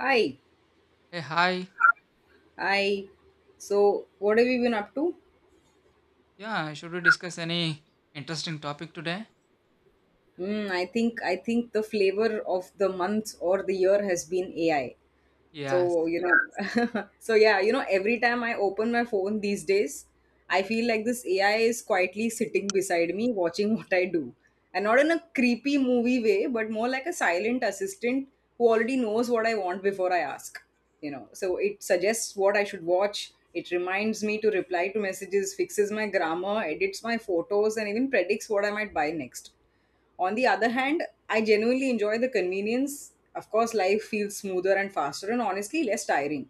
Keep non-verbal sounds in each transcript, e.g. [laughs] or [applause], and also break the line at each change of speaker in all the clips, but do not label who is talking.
Hi,
Hey, hi.
I. So, what have you been up to?
Yeah, should we discuss any interesting topic today?
I think the flavor of the month or the year has been AI.
Yes.
[laughs] Every time I open my phone these days, I feel like this AI is quietly sitting beside me watching [laughs] what I do. And not in a creepy movie way, but more like a silent assistant who already knows what I want before I ask. So it suggests what I should watch. It reminds me to reply to messages, fixes my grammar, edits my photos, and even predicts what I might buy next. On the other hand, I genuinely enjoy the convenience. Of course, life feels smoother and faster, and honestly, less tiring.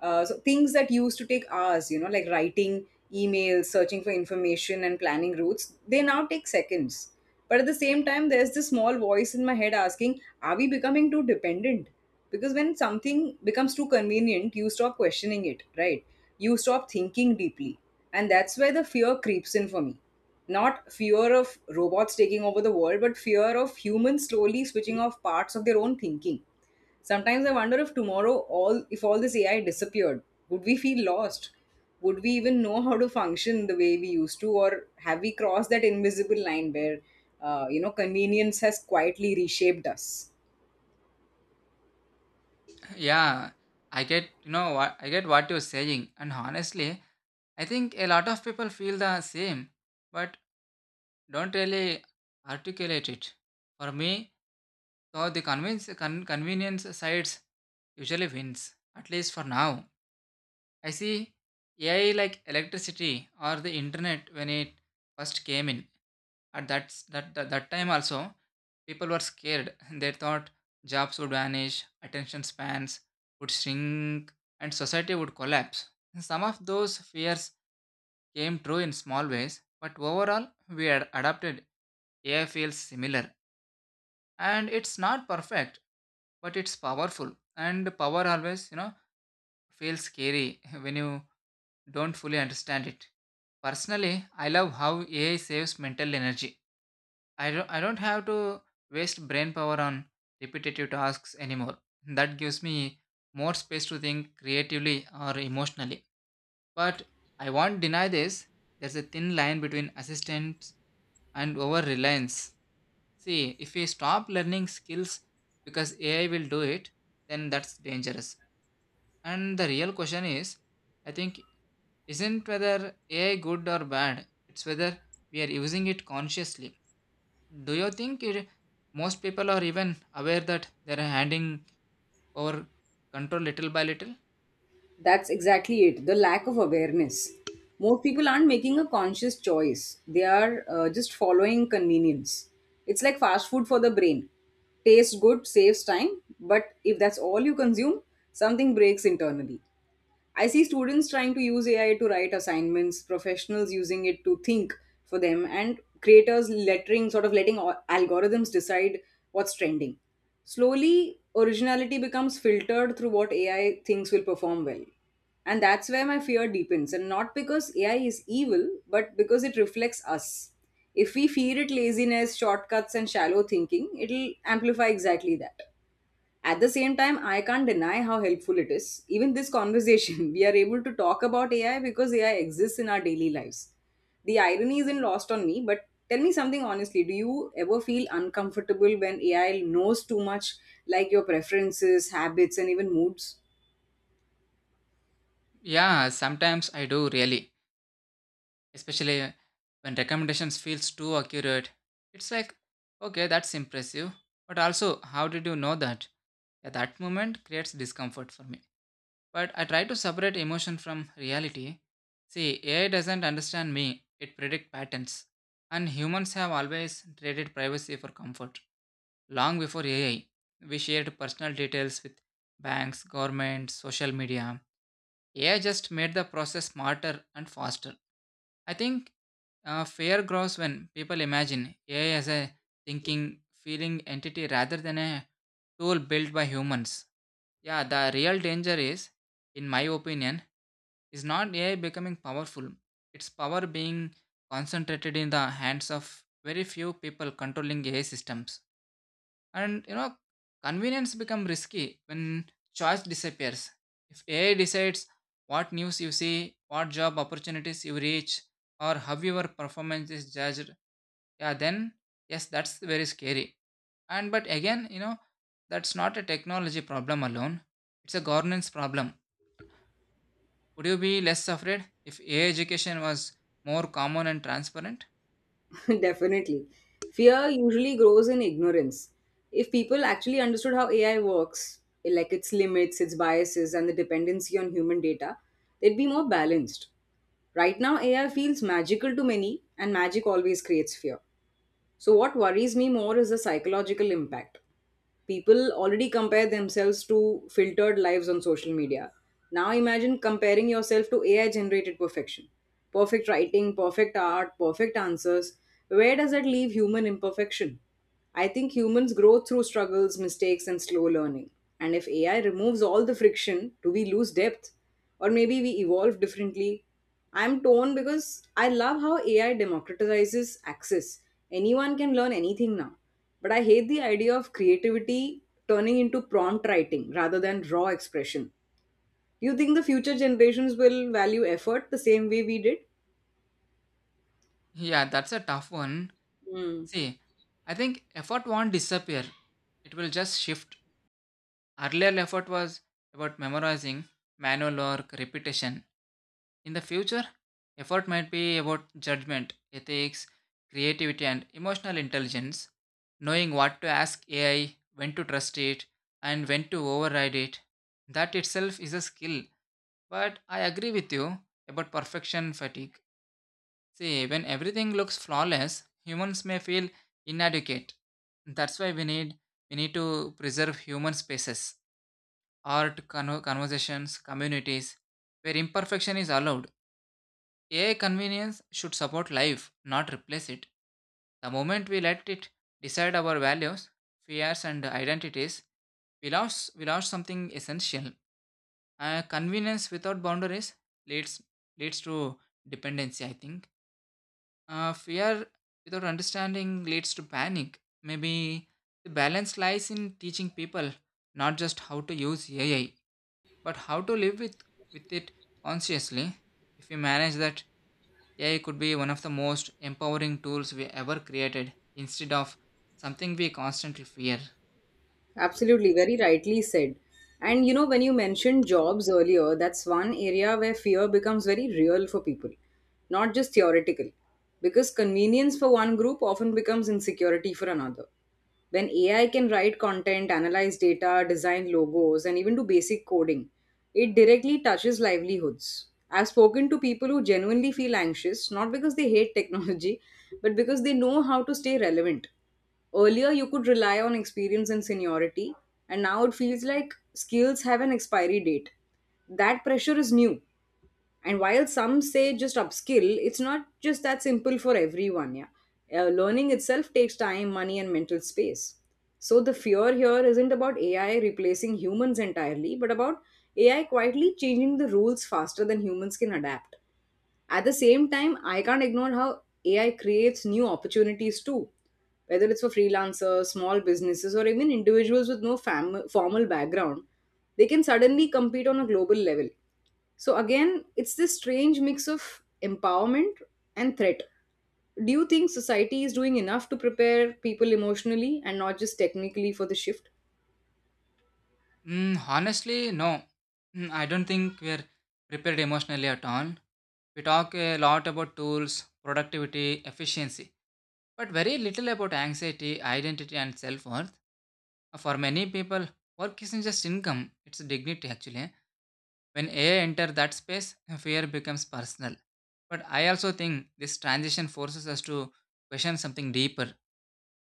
So things that used to take hours, like writing emails, searching for information, and planning routes, they now take seconds. But at the same time, there's this small voice in my head asking, are we becoming too dependent? Because when something becomes too convenient, you stop questioning it, right? You stop thinking deeply. And that's where the fear creeps in for me. Not fear of robots taking over the world, but fear of humans slowly switching off parts of their own thinking. Sometimes I wonder if tomorrow all if all this AI disappeared, would we feel lost? Would we even know how to function the way we used to, or have we crossed that invisible line where convenience has quietly reshaped us?
Yeah, I get, you know, what I get what you're saying. And honestly, I think a lot of people feel the same, but don't really articulate it. For me, though, the convenience sides usually wins, at least for now. I see AI like electricity or the internet when it first came in. At that's, that, that that time also, people were scared. [laughs] They thought jobs would vanish, attention spans would shrink, and society would collapse. [laughs] Some of those fears came true in small ways, but overall, we had adapted. AI feels similar, and it's not perfect, but it's powerful. And power always, you know, feels scary [laughs] when you don't fully understand it. Personally, I love how AI saves mental energy. I don't have to waste brain power on repetitive tasks anymore. That gives me more space to think creatively or emotionally. But I won't deny this. There's a thin line between assistance and over reliance. See, if we stop learning skills because AI will do it, then that's dangerous. And the real question is, I think, isn't whether AI good or bad, it's whether we are using it consciously. Do you think it, most people are even aware that they're handing over control little by little?
That's exactly it. The lack of awareness. Most people aren't making a conscious choice. They are just following convenience. It's like fast food for the brain. Tastes good, saves time, but if that's all you consume, something breaks internally. I see students trying to use AI to write assignments, professionals using it to think for them, and creators lettering, sort of letting algorithms decide what's trending. Slowly, originality becomes filtered through what AI thinks will perform well. And that's where my fear deepens, and not because AI is evil, but because it reflects us. If we feed it laziness, shortcuts, and shallow thinking, it'll amplify exactly that. At the same time, I can't deny how helpful it is. Even this conversation, [laughs] we are able to talk about AI because AI exists in our daily lives. The irony isn't lost on me, but tell me something honestly. Do you ever feel uncomfortable when AI knows too much, like your preferences, habits, and even moods?
Yeah, sometimes I do really, especially when recommendations feels too accurate. It's like, okay, that's impressive, but also, how did you know that? At that moment creates discomfort for me. But I try to separate emotion from reality. See, AI doesn't understand me; it predicts patterns, and humans have always traded privacy for comfort. Long before AI, we shared personal details with banks, governments, social media. AI just made the process smarter and faster. I think fear grows when people imagine AI as a thinking, feeling entity rather than a tool built by humans. Yeah, the real danger is, in my opinion, is not AI becoming powerful. Its power being concentrated in the hands of very few people controlling AI systems. And you know, convenience become risky when choice disappears. If AI decides what news you see, what job opportunities you reach, or how your performance is judged, yeah, then yes, that's very scary. And but again, you know, that's not a technology problem alone. It's a governance problem. Would you be less afraid if AI education was more common and transparent? [laughs]
[laughs] Definitely. Fear usually grows in ignorance. If people actually understood how AI works, like its limits, its biases, and the dependency on human data, they'd be more balanced. Right now, AI feels magical to many, and magic always creates fear. So, what worries me more is the psychological impact. People already compare themselves to filtered lives on social media. Now imagine comparing yourself to AI generated perfection. Perfect writing, perfect art, perfect answers. Where does that leave human imperfection? I think humans grow through struggles, mistakes, and slow learning. And if AI removes all the friction, do we lose depth? Or maybe we evolve differently? I'm torn because I love how AI democratizes access. Anyone can learn anything now. But I hate the idea of creativity turning into prompt writing rather than raw expression. Do you think the future generations will value effort the same way we did?
Yeah, that's a tough one.
Hmm.
See, I think effort won't disappear. It will just shift. Earlier effort was about memorizing, manual work, repetition. In the future, effort might be about judgment, ethics, creativity, and emotional intelligence, knowing what to ask AI, when to trust it, and when to override it. That itself is a skill. But I agree with you about perfection fatigue. See, when everything looks flawless, humans may feel inadequate. That's why we need to preserve human spaces, art, conversations, communities, where imperfection is allowed. AI convenience should support life, not replace it. The moment we let it decide our values, fears, and identities, we lost something essential. Convenience without boundaries leads leads to dependency. I think fear without understanding leads to panic. Maybe the balance lies in teaching people not just how to use AI but how to live with it consciously. If we manage that, AI could be one of the most empowering tools we ever created instead of something we constantly fear.
Absolutely, very rightly said. And you know, when you mentioned jobs earlier, that's one area where fear becomes very real for people, not just theoretical. Because convenience for one group often becomes insecurity for another. When AI can write content, analyze data, design logos, and even do basic coding, it directly touches livelihoods. I've spoken to people who genuinely feel anxious, not because they hate technology, [laughs] but because they know how to stay relevant. Earlier, you could rely on experience and seniority, and now it feels like skills have an expiry date. That pressure is new. And while some say just upskill, it's not just that simple for everyone. Yeah, learning itself takes time, money, and mental space. So the fear here isn't about AI replacing humans entirely, but about AI quietly changing the rules faster than humans can adapt. At the same time, I can't ignore how AI creates new opportunities too, whether it's for freelancers, small businesses, or even individuals with no formal background. They can suddenly compete on a global level. So, again, it's this strange mix of empowerment and threat. Do you think society is doing enough to prepare people emotionally and not just technically for the shift?
Mm, honestly, no. Mm, I don't think we're prepared emotionally at all. We talk a lot about tools, productivity, efficiency, but very little about anxiety, identity, and self worth. For many people, work isn't just income, it's a dignity actually. When AI enters that space, fear becomes personal. But I also think this transition forces us to question something deeper.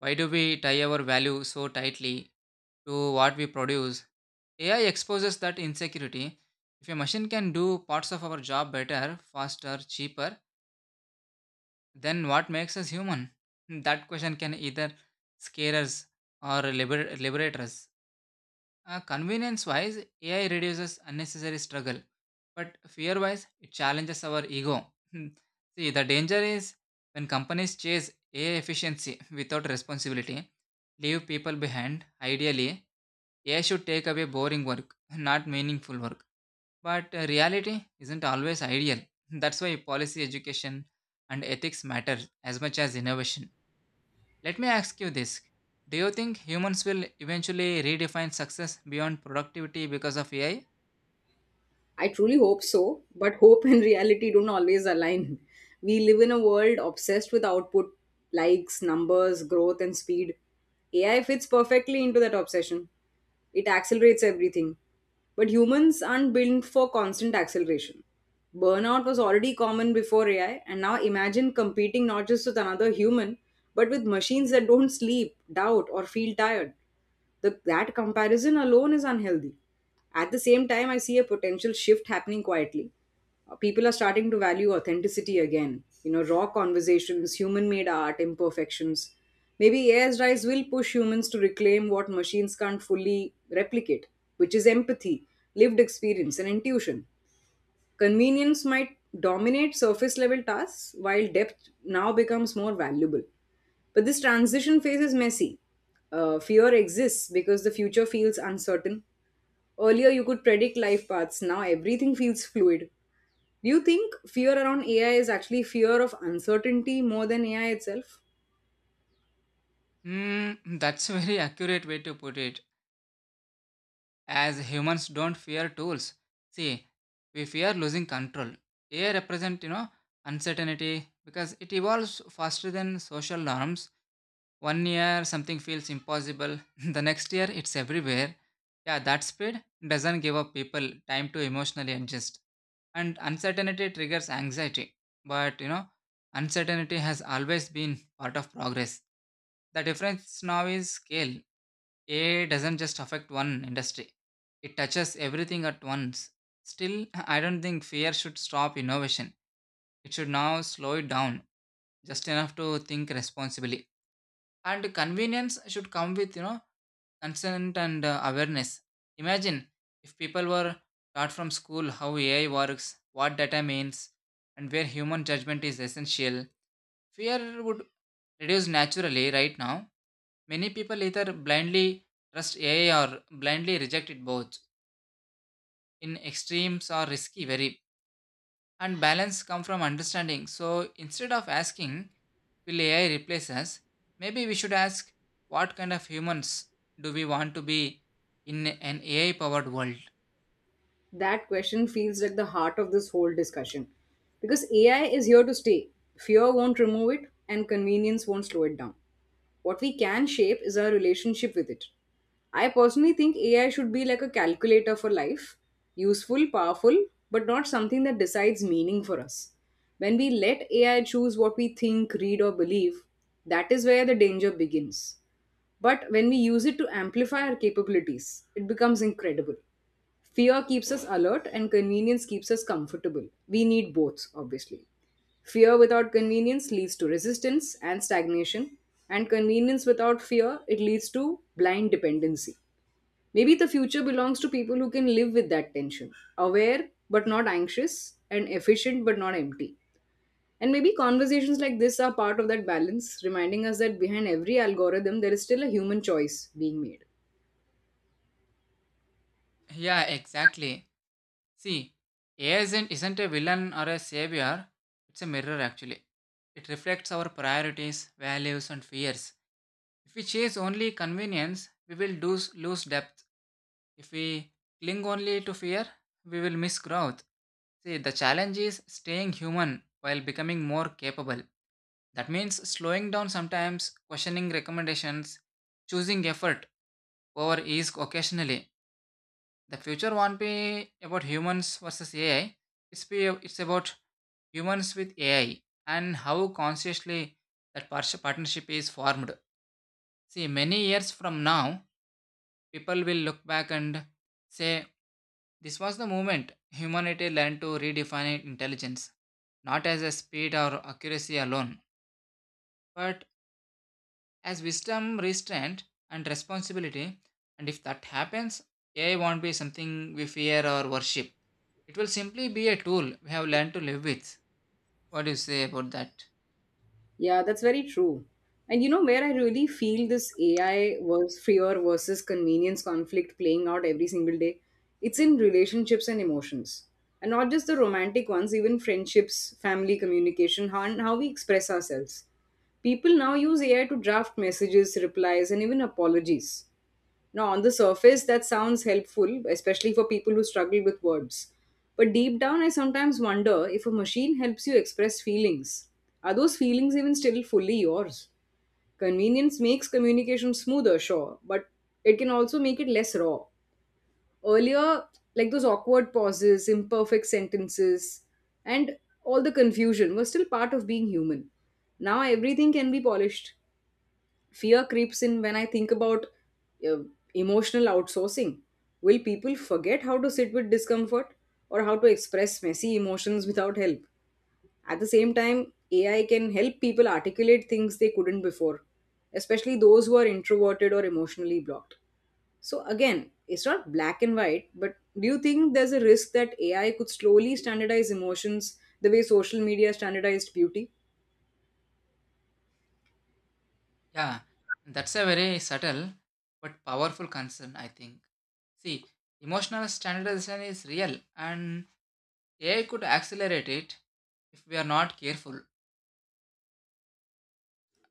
Why do we tie our value so tightly to what we produce? AI exposes that insecurity. If a machine can do parts of our job better, faster, cheaper, then what makes us human? That question can either scare us or liberate us. Convenience wise, AI reduces unnecessary struggle, but fear wise, it challenges our ego. [laughs] See, the danger is when companies chase AI efficiency without responsibility, leave people behind. Ideally, AI should take away boring work, not meaningful work. But reality isn't always ideal. [laughs] That's why policy education and ethics matter as much as innovation. Let me ask you this. Do you think humans will eventually redefine success beyond productivity because of AI?
I truly hope so, but hope and reality don't always align. We live in a world obsessed with output, likes, numbers, growth, and speed. AI fits perfectly into that obsession. It accelerates everything. But humans aren't built for constant acceleration. Burnout was already common before AI, and now imagine competing not just with another human, but with machines that don't sleep, doubt, or feel tired. That comparison alone is unhealthy. At the same time, I see a potential shift happening quietly. People are starting to value authenticity again. You know, raw conversations, human made art, imperfections. Maybe AI's rise will push humans to reclaim what machines can't fully replicate, which is empathy, lived experience, and intuition. Convenience might dominate surface level tasks while depth now becomes more valuable. But this transition phase is messy. Fear exists because the future feels uncertain. Earlier, you could predict life paths, now everything feels fluid. Do you think fear around AI is actually fear of uncertainty more than AI itself?
Hmm, [laughs] that's a very accurate way to put it. As humans don't fear tools. See, we fear losing control. AI represent, you know, uncertainty because it evolves faster than social norms. One year something feels impossible, [laughs] the next year it's everywhere. Yeah, that speed doesn't give up people time to emotionally adjust. And uncertainty triggers anxiety, but you know, uncertainty has always been part of progress. The difference now is scale. AI doesn't just affect one industry, it touches everything at once. Still, I don't think fear should stop innovation, it should now slow it down just enough to think responsibly. And convenience should come with, you know, consent and awareness. Imagine if people were taught from school how AI works, what data means, and where human judgment is essential. Fear would reduce naturally right now. Many people either blindly trust AI or blindly reject it both. In extremes are risky, very, and balance come from understanding. So instead of asking, will AI replace us? Maybe we should ask, what kind of humans do we want to be in an AI powered world?
That question feels like the heart of this whole discussion. Because AI is here to stay, fear won't remove it, and convenience won't slow it down. What we can shape is our relationship with it. I personally think AI should be like a calculator for life, useful, powerful, but not something that decides meaning for us. When we let AI choose what we think, read, or believe, that is where the danger begins. But when we use it to amplify our capabilities, it becomes incredible. Fear keeps us alert and convenience keeps us comfortable. We need both, obviously. Fear without convenience leads to resistance and stagnation, and convenience without fear, it leads to blind dependency. Maybe the future belongs to people who can live with that tension, aware but not anxious, and efficient but not empty. And maybe conversations like this are part of that balance, reminding us that behind every algorithm, there is still a human choice being made.
Yeah, exactly. See, AI isn't a villain or a savior, it's a mirror actually. It reflects our priorities, values, and fears. If we chase only convenience, we will lose depth. If we cling only to fear, we will miss growth. See, the challenge is staying human while becoming more capable. That means slowing down sometimes, questioning recommendations, choosing effort over ease occasionally. The future won't be about humans versus AI. It's about humans with AI and how consciously that partnership is formed. See, many years from now, people will look back and say, this was the moment humanity learned to redefine intelligence, not as a speed or accuracy alone, but as wisdom, restraint, and responsibility. And if that happens, AI won't be something we fear or worship. It will simply be a tool we have learned to live with. What do you say about that?
Yeah, that's very true. And you know where I really feel this AI was fear versus convenience conflict playing out every single day? It's in relationships and emotions. And not just the romantic ones, even friendships, family communication, how we express ourselves. People now use AI to draft messages, replies, and even apologies. Now, on the surface, that sounds helpful, especially for people who struggle with words. But deep down, I sometimes wonder if a machine helps you express feelings. Are those feelings even still fully yours? Convenience makes communication smoother, sure, but it can also make it less raw. Earlier, like those awkward pauses, imperfect sentences, and all the confusion were still part of being human. Now everything can be polished. Fear creeps in when I think about uh, emotional outsourcing. Will people forget how to sit with discomfort or how to express messy emotions without help? At the same time, AI can help people articulate things they couldn't before, especially those who are introverted or emotionally blocked. So, again, it's not black and white, but do you think there's a risk that AI could slowly standardize emotions the way social media standardized beauty?
Yeah, that's a very subtle but powerful concern, I think. See, emotional standardization is real, and AI could accelerate it if we are not careful.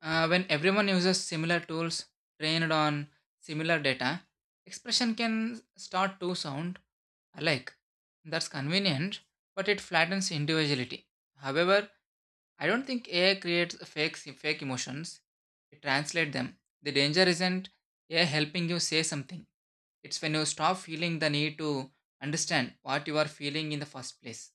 When everyone uses similar tools trained on similar data, expression can start to sound alike. That's convenient, but it flattens individuality. However, I don't think AI creates fake emotions, it translates them. The danger isn't AI helping you say something, it's when you stop feeling the need to understand what you are feeling in the first place.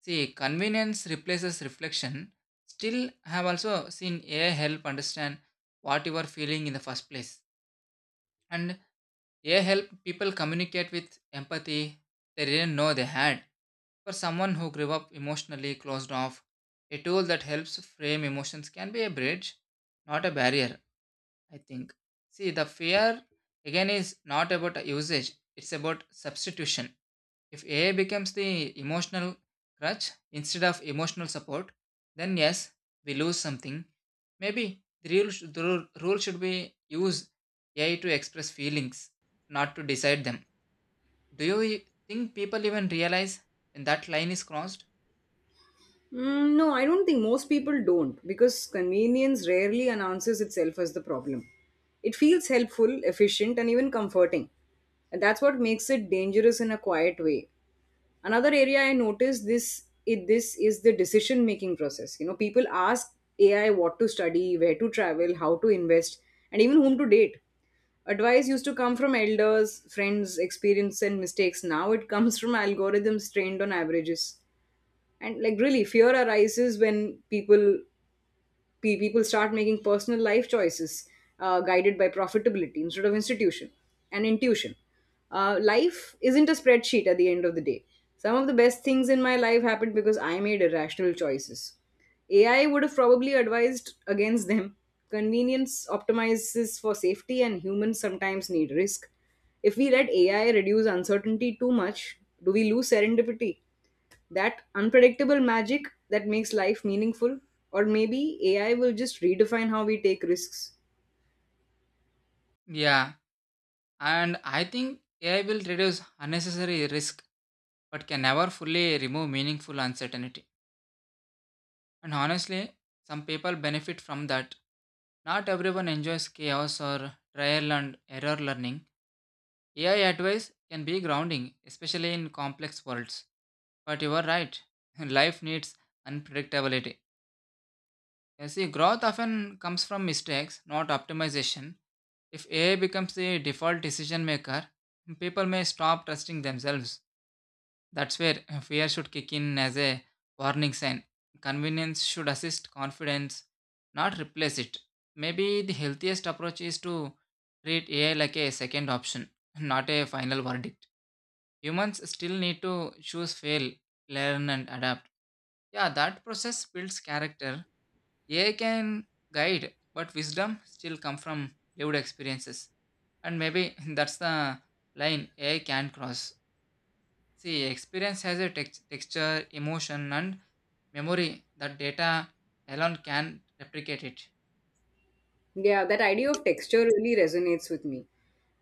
See, convenience replaces reflection. Still, I have also seen AI help understand what you are feeling in the first place. And AI help people communicate with empathy they didn't know they had. For someone who grew up emotionally closed off, a tool that helps frame emotions can be a bridge, not a barrier, I think. See, the fear again is not about usage, it's about substitution. If AI becomes the emotional crutch instead of emotional support, then yes, we lose something. Maybe the rule should be use AI to express feelings, not to decide them. Do you think people even realize when that line is crossed?
Mm, no, I don't think most people don't because convenience rarely announces itself as the problem. It feels helpful, efficient, and even comforting. And that's what makes it dangerous in a quiet way. Another area I noticed this is the decision making process. You know, people ask AI what to study, where to travel, how to invest, and even whom to date. Advice used to come from elders, friends, experience, and mistakes. Now it comes from algorithms trained on averages, and like really fear arises when people people start making personal life choices guided by profitability instead of institution and intuition. Life isn't a spreadsheet at the end of the day. Some of the best things in my life happened because I made irrational choices. AI would have probably advised against them. Convenience optimizes for safety and humans sometimes need risk. If we let AI reduce uncertainty too much, do we lose serendipity, that unpredictable magic that makes life meaningful, or maybe AI will just redefine how we take risks?
Yeah, and I think AI will reduce unnecessary risk but can never fully remove meaningful uncertainty. And honestly, some people benefit from that. Not everyone enjoys chaos or trial and error learning. AI advice can be grounding, especially in complex worlds. But you are right, [laughs] life needs unpredictability. You see, growth often comes from mistakes, not optimization. If AI becomes the default decision maker, people may stop trusting themselves. That's where fear should kick in as a warning sign. Convenience should assist confidence, not replace it. Maybe the healthiest approach is to treat AI like a second option, [laughs] not a final verdict. Humans still need to choose, fail, learn, and adapt. Yeah, that process builds character. AI can guide, but wisdom still comes from lived experiences. And maybe [laughs] that's the line AI can't cross. See, experience has a texture, emotion, and memory that data alone can replicate it.
Yeah, that idea of texture really resonates with me.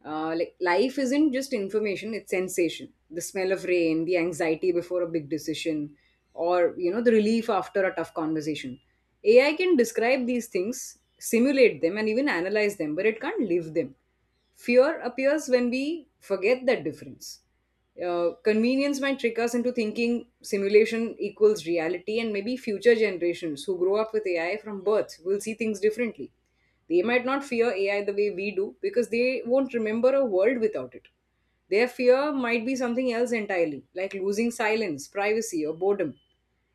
Like life isn't just information, it's sensation. The smell of rain, the anxiety before a big decision, the relief after a tough conversation. AI can describe these things, simulate them, and even analyze them, but it can't live them. Fear appears when we forget that difference. Convenience might trick us into thinking simulation equals reality, and maybe future generations who grow up with AI from birth will see things differently. They might not fear AI the way we do because they won't remember a world without it. Their fear might be something else entirely, like losing silence, privacy, or boredom.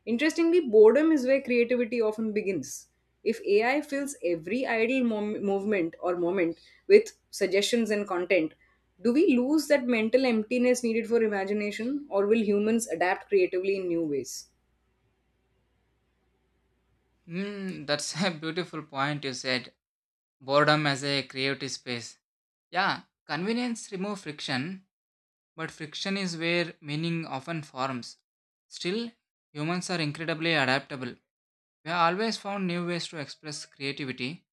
Interestingly, boredom is where creativity often begins. If AI fills every movement or moment with suggestions and content, do we lose that mental emptiness needed for imagination, or will humans adapt creatively in new ways?
Hmm, that's [laughs] a beautiful point you said. Boredom as a creative space. Yeah, convenience remove friction, but friction is where meaning often forms. Still, humans are incredibly adaptable. We have always found new ways to express creativity.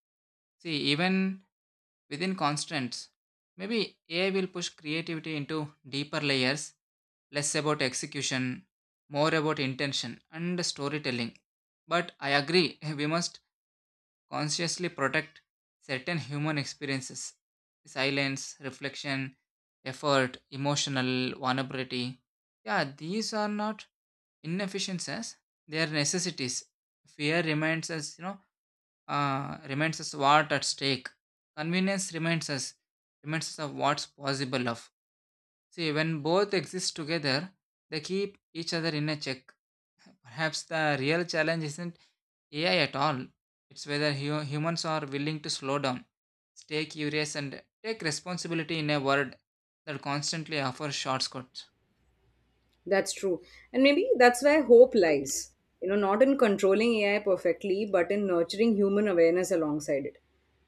See, even within constraints. Maybe AI will push creativity into deeper layers, less about execution, more about intention and storytelling. But I agree, [laughs] we must consciously protect certain human experiences: silence, reflection, effort, emotional vulnerability. Yeah, these are not inefficiencies, they are necessities. Fear reminds us, reminds us what at stake. Convenience reminds us of what's possible of. See, when both exist together, they keep each other in a check. Perhaps the real challenge isn't AI at all. It's whether humans are willing to slow down, stay curious, and take responsibility in a world that constantly offers shortcuts.
That's true. And maybe that's where hope lies. You know, not in controlling AI perfectly, but in nurturing human awareness alongside it.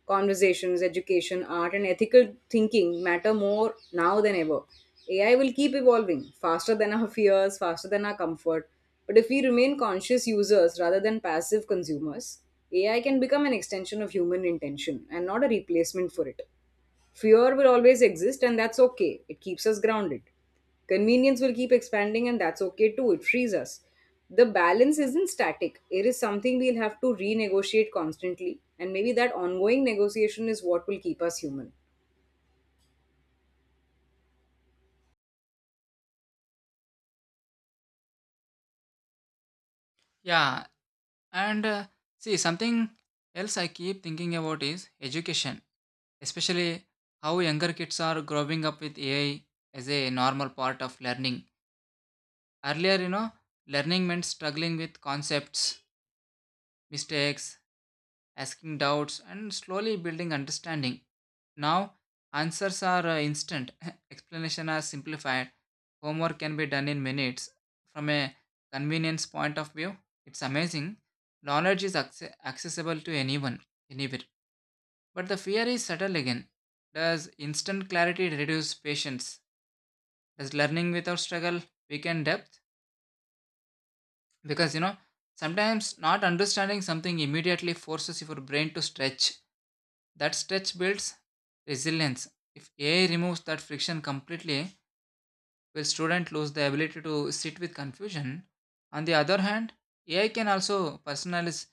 Conversations, education, art, and ethical thinking matter more now than ever. AI will keep evolving faster than our fears, faster than our comfort. But if we remain conscious users rather than passive consumers, AI can become an extension of human intention and not a replacement for it. Fear will always exist, and that's okay. It keeps us grounded. Convenience will keep expanding, and that's okay too. It frees us. The balance isn't static, it is something we'll have to renegotiate constantly, and maybe that ongoing negotiation is what will keep us human.
Yeah, and see, something else I keep thinking about is education, especially how younger kids are growing up with AI as a normal part of learning. Earlier, learning meant struggling with concepts, mistakes, asking doubts, and slowly building understanding. Now, answers are instant, [laughs] explanation are simplified, homework can be done in minutes. From a convenience point of view, it's amazing. Knowledge is accessible to anyone, anywhere. But the fear is subtle again. Does instant clarity reduce patience? Does learning without struggle weaken depth? Because sometimes not understanding something immediately forces your brain to stretch. That stretch builds resilience. If AI removes that friction completely, will student lose the ability to sit with confusion? On the other hand, AI can also personalize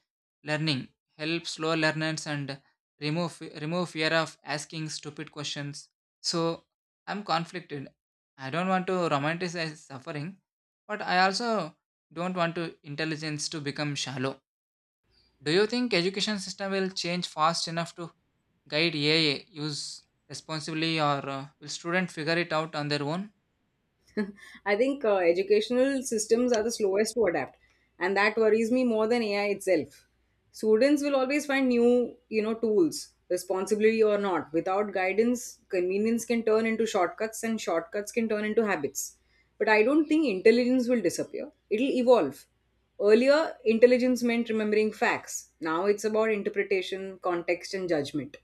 learning, help slow learners and remove fear of asking stupid questions. So I'm conflicted. I don't want to romanticize suffering, but I also don't want to intelligence to become shallow. Do you think education system will change fast enough to guide AI use responsibly, or will student figure it out on their own?
[laughs] I think educational systems are the slowest to adapt, and that worries me more than AI itself. Students will always find new, you know, tools, responsibility or not. Without guidance, convenience can turn into shortcuts, and shortcuts can turn into habits. But I don't think intelligence will disappear. It'll evolve. Earlier, intelligence meant remembering facts. Now it's about interpretation, context, and judgment.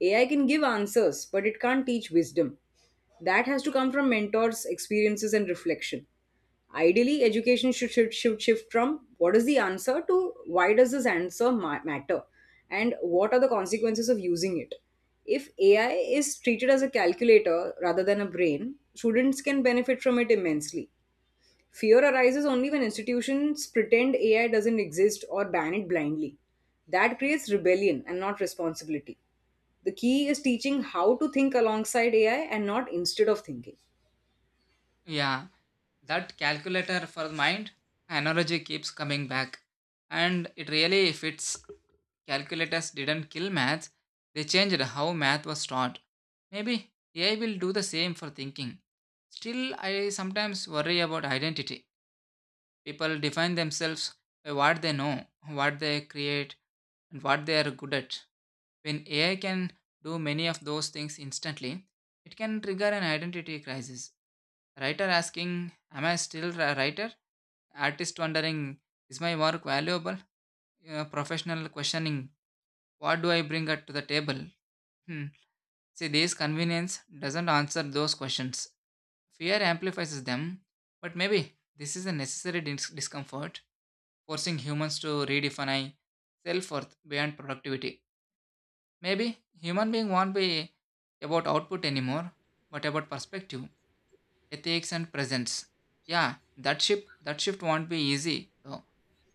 AI can give answers, but it can't teach wisdom. That has to come from mentors, experiences, and reflection. Ideally, education should shift from what is the answer to why does this answer matter and what are the consequences of using it. If AI is treated as a calculator rather than a brain, students can benefit from it immensely. Fear arises only when institutions pretend AI doesn't exist or ban it blindly. That creates rebellion and not responsibility. The key is teaching how to think alongside AI and not instead of thinking.
Yeah, that calculator for the mind analogy keeps coming back. And it really fits. Calculators didn't kill maths, they changed how math was taught. Maybe AI will do the same for thinking. Still, I sometimes worry about identity. People define themselves by what they know, what they create, and what they are good at. When AI can do many of those things instantly, it can trigger an identity crisis. Writer asking, "Am I still a writer?" Artist wondering, "Is my work valuable?" Professional questioning, "What do I bring to the table?" Hmm. See, this convenience doesn't answer those questions. Fear amplifies them, but maybe this is a necessary discomfort, forcing humans to redefine self worth beyond productivity. Maybe human being won't be about output anymore, but about perspective, ethics and presence. Yeah, that shift won't be easy. Though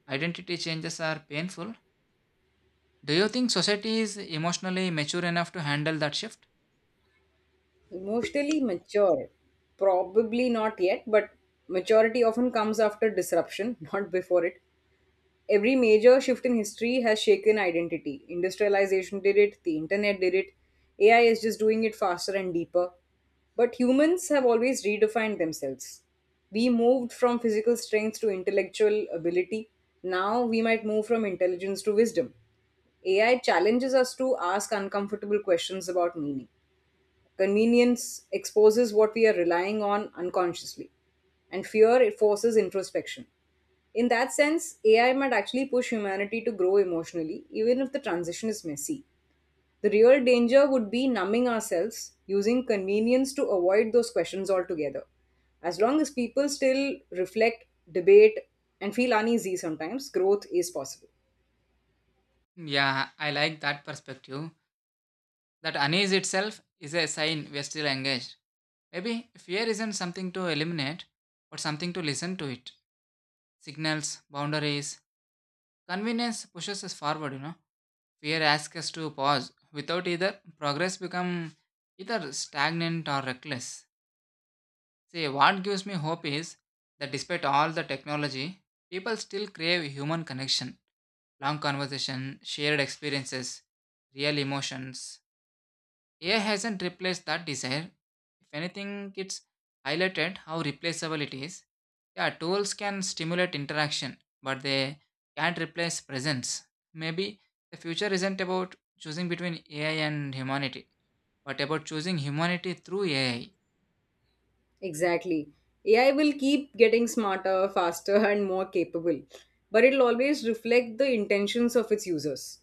identity changes are painful. Do you think society is emotionally mature enough to handle that shift?
Emotionally mature, probably not yet, but maturity often comes after disruption, [laughs] not before it. Every major shift in history has shaken identity. Industrialization did it, the internet did it, AI is just doing it faster and deeper. But humans have always redefined themselves. We moved from physical strength to intellectual ability. Now we might move from intelligence to wisdom. AI challenges us to ask uncomfortable questions about meaning. Convenience exposes what we are relying on unconsciously, and fear it forces introspection. In that sense, AI might actually push humanity to grow emotionally, even if the transition is messy. The real danger would be numbing ourselves, using convenience to avoid those questions altogether. As long as people still reflect, debate, and feel uneasy sometimes, growth is possible.
Yeah, I like that perspective. That unease itself is a sign we're still engaged. Maybe fear isn't something to eliminate, but something to listen to it. Signals, boundaries, convenience pushes us forward. Fear asks us to pause. Without either, progress become either stagnant or reckless. See, what gives me hope is that despite all the technology, people still crave human connection, long conversation, shared experiences, real emotions. AI hasn't replaced that desire. If anything, it's highlighted how replaceable it is. Yeah, tools can stimulate interaction, but they can't replace presence. Maybe the future isn't about choosing between AI and humanity, but about choosing humanity through AI.
Exactly. AI will keep getting smarter, faster, and more capable, but it'll always reflect the intentions of its users.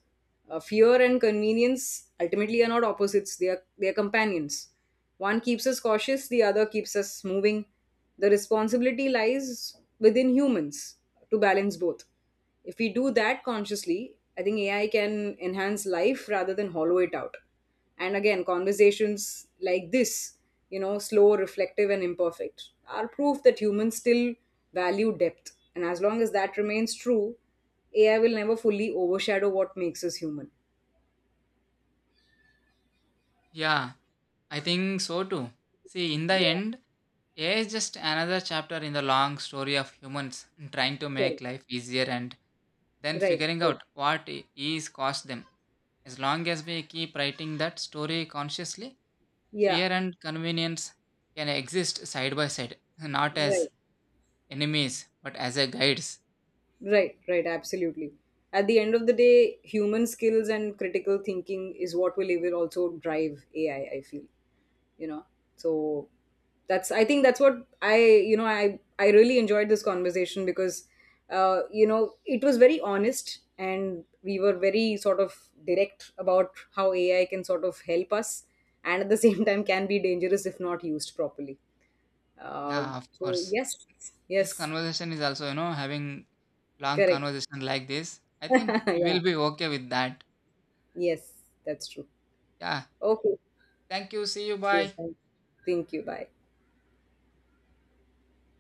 Fear and convenience ultimately are not opposites, they are companions. One keeps us cautious, the other keeps us moving. The responsibility lies within humans to balance both. If we do that consciously, I think AI can enhance life rather than hollow it out. And again, conversations like this, you know, slow, reflective, and imperfect, are proof that humans still value depth. And as long as that remains true, AI will never fully overshadow what makes us human.
Yeah, I think so too. See, in the
Yeah,
end, AI is just another chapter in the long story of humans trying to make
correct.
life easier and then
Right,
figuring
right.
out what ease cost them. As long as we keep writing that story consciously,
Yeah,
fear and convenience can exist side by side, not
right,
as enemies, but as a guides.
right, right, absolutely. At the end of the day, human skills and critical thinking is what will also drive AI, I feel. You know, so that's, I think that's what I you know I really enjoyed this conversation because you know, it was very honest and we were very sort of direct about how AI can sort of help us and at the [laughs] same time can be dangerous if not used properly. uh,
Yeah, of
so
course.
yes,
This
yes,
conversation is also, you know, having long
correct.
conversation like this. I think
[laughs]
we
Yeah,
will be okay with that.
yes, that's true.
Yeah.
Okay,
Thank you. See you.
yes,
Bye.
thank you, bye.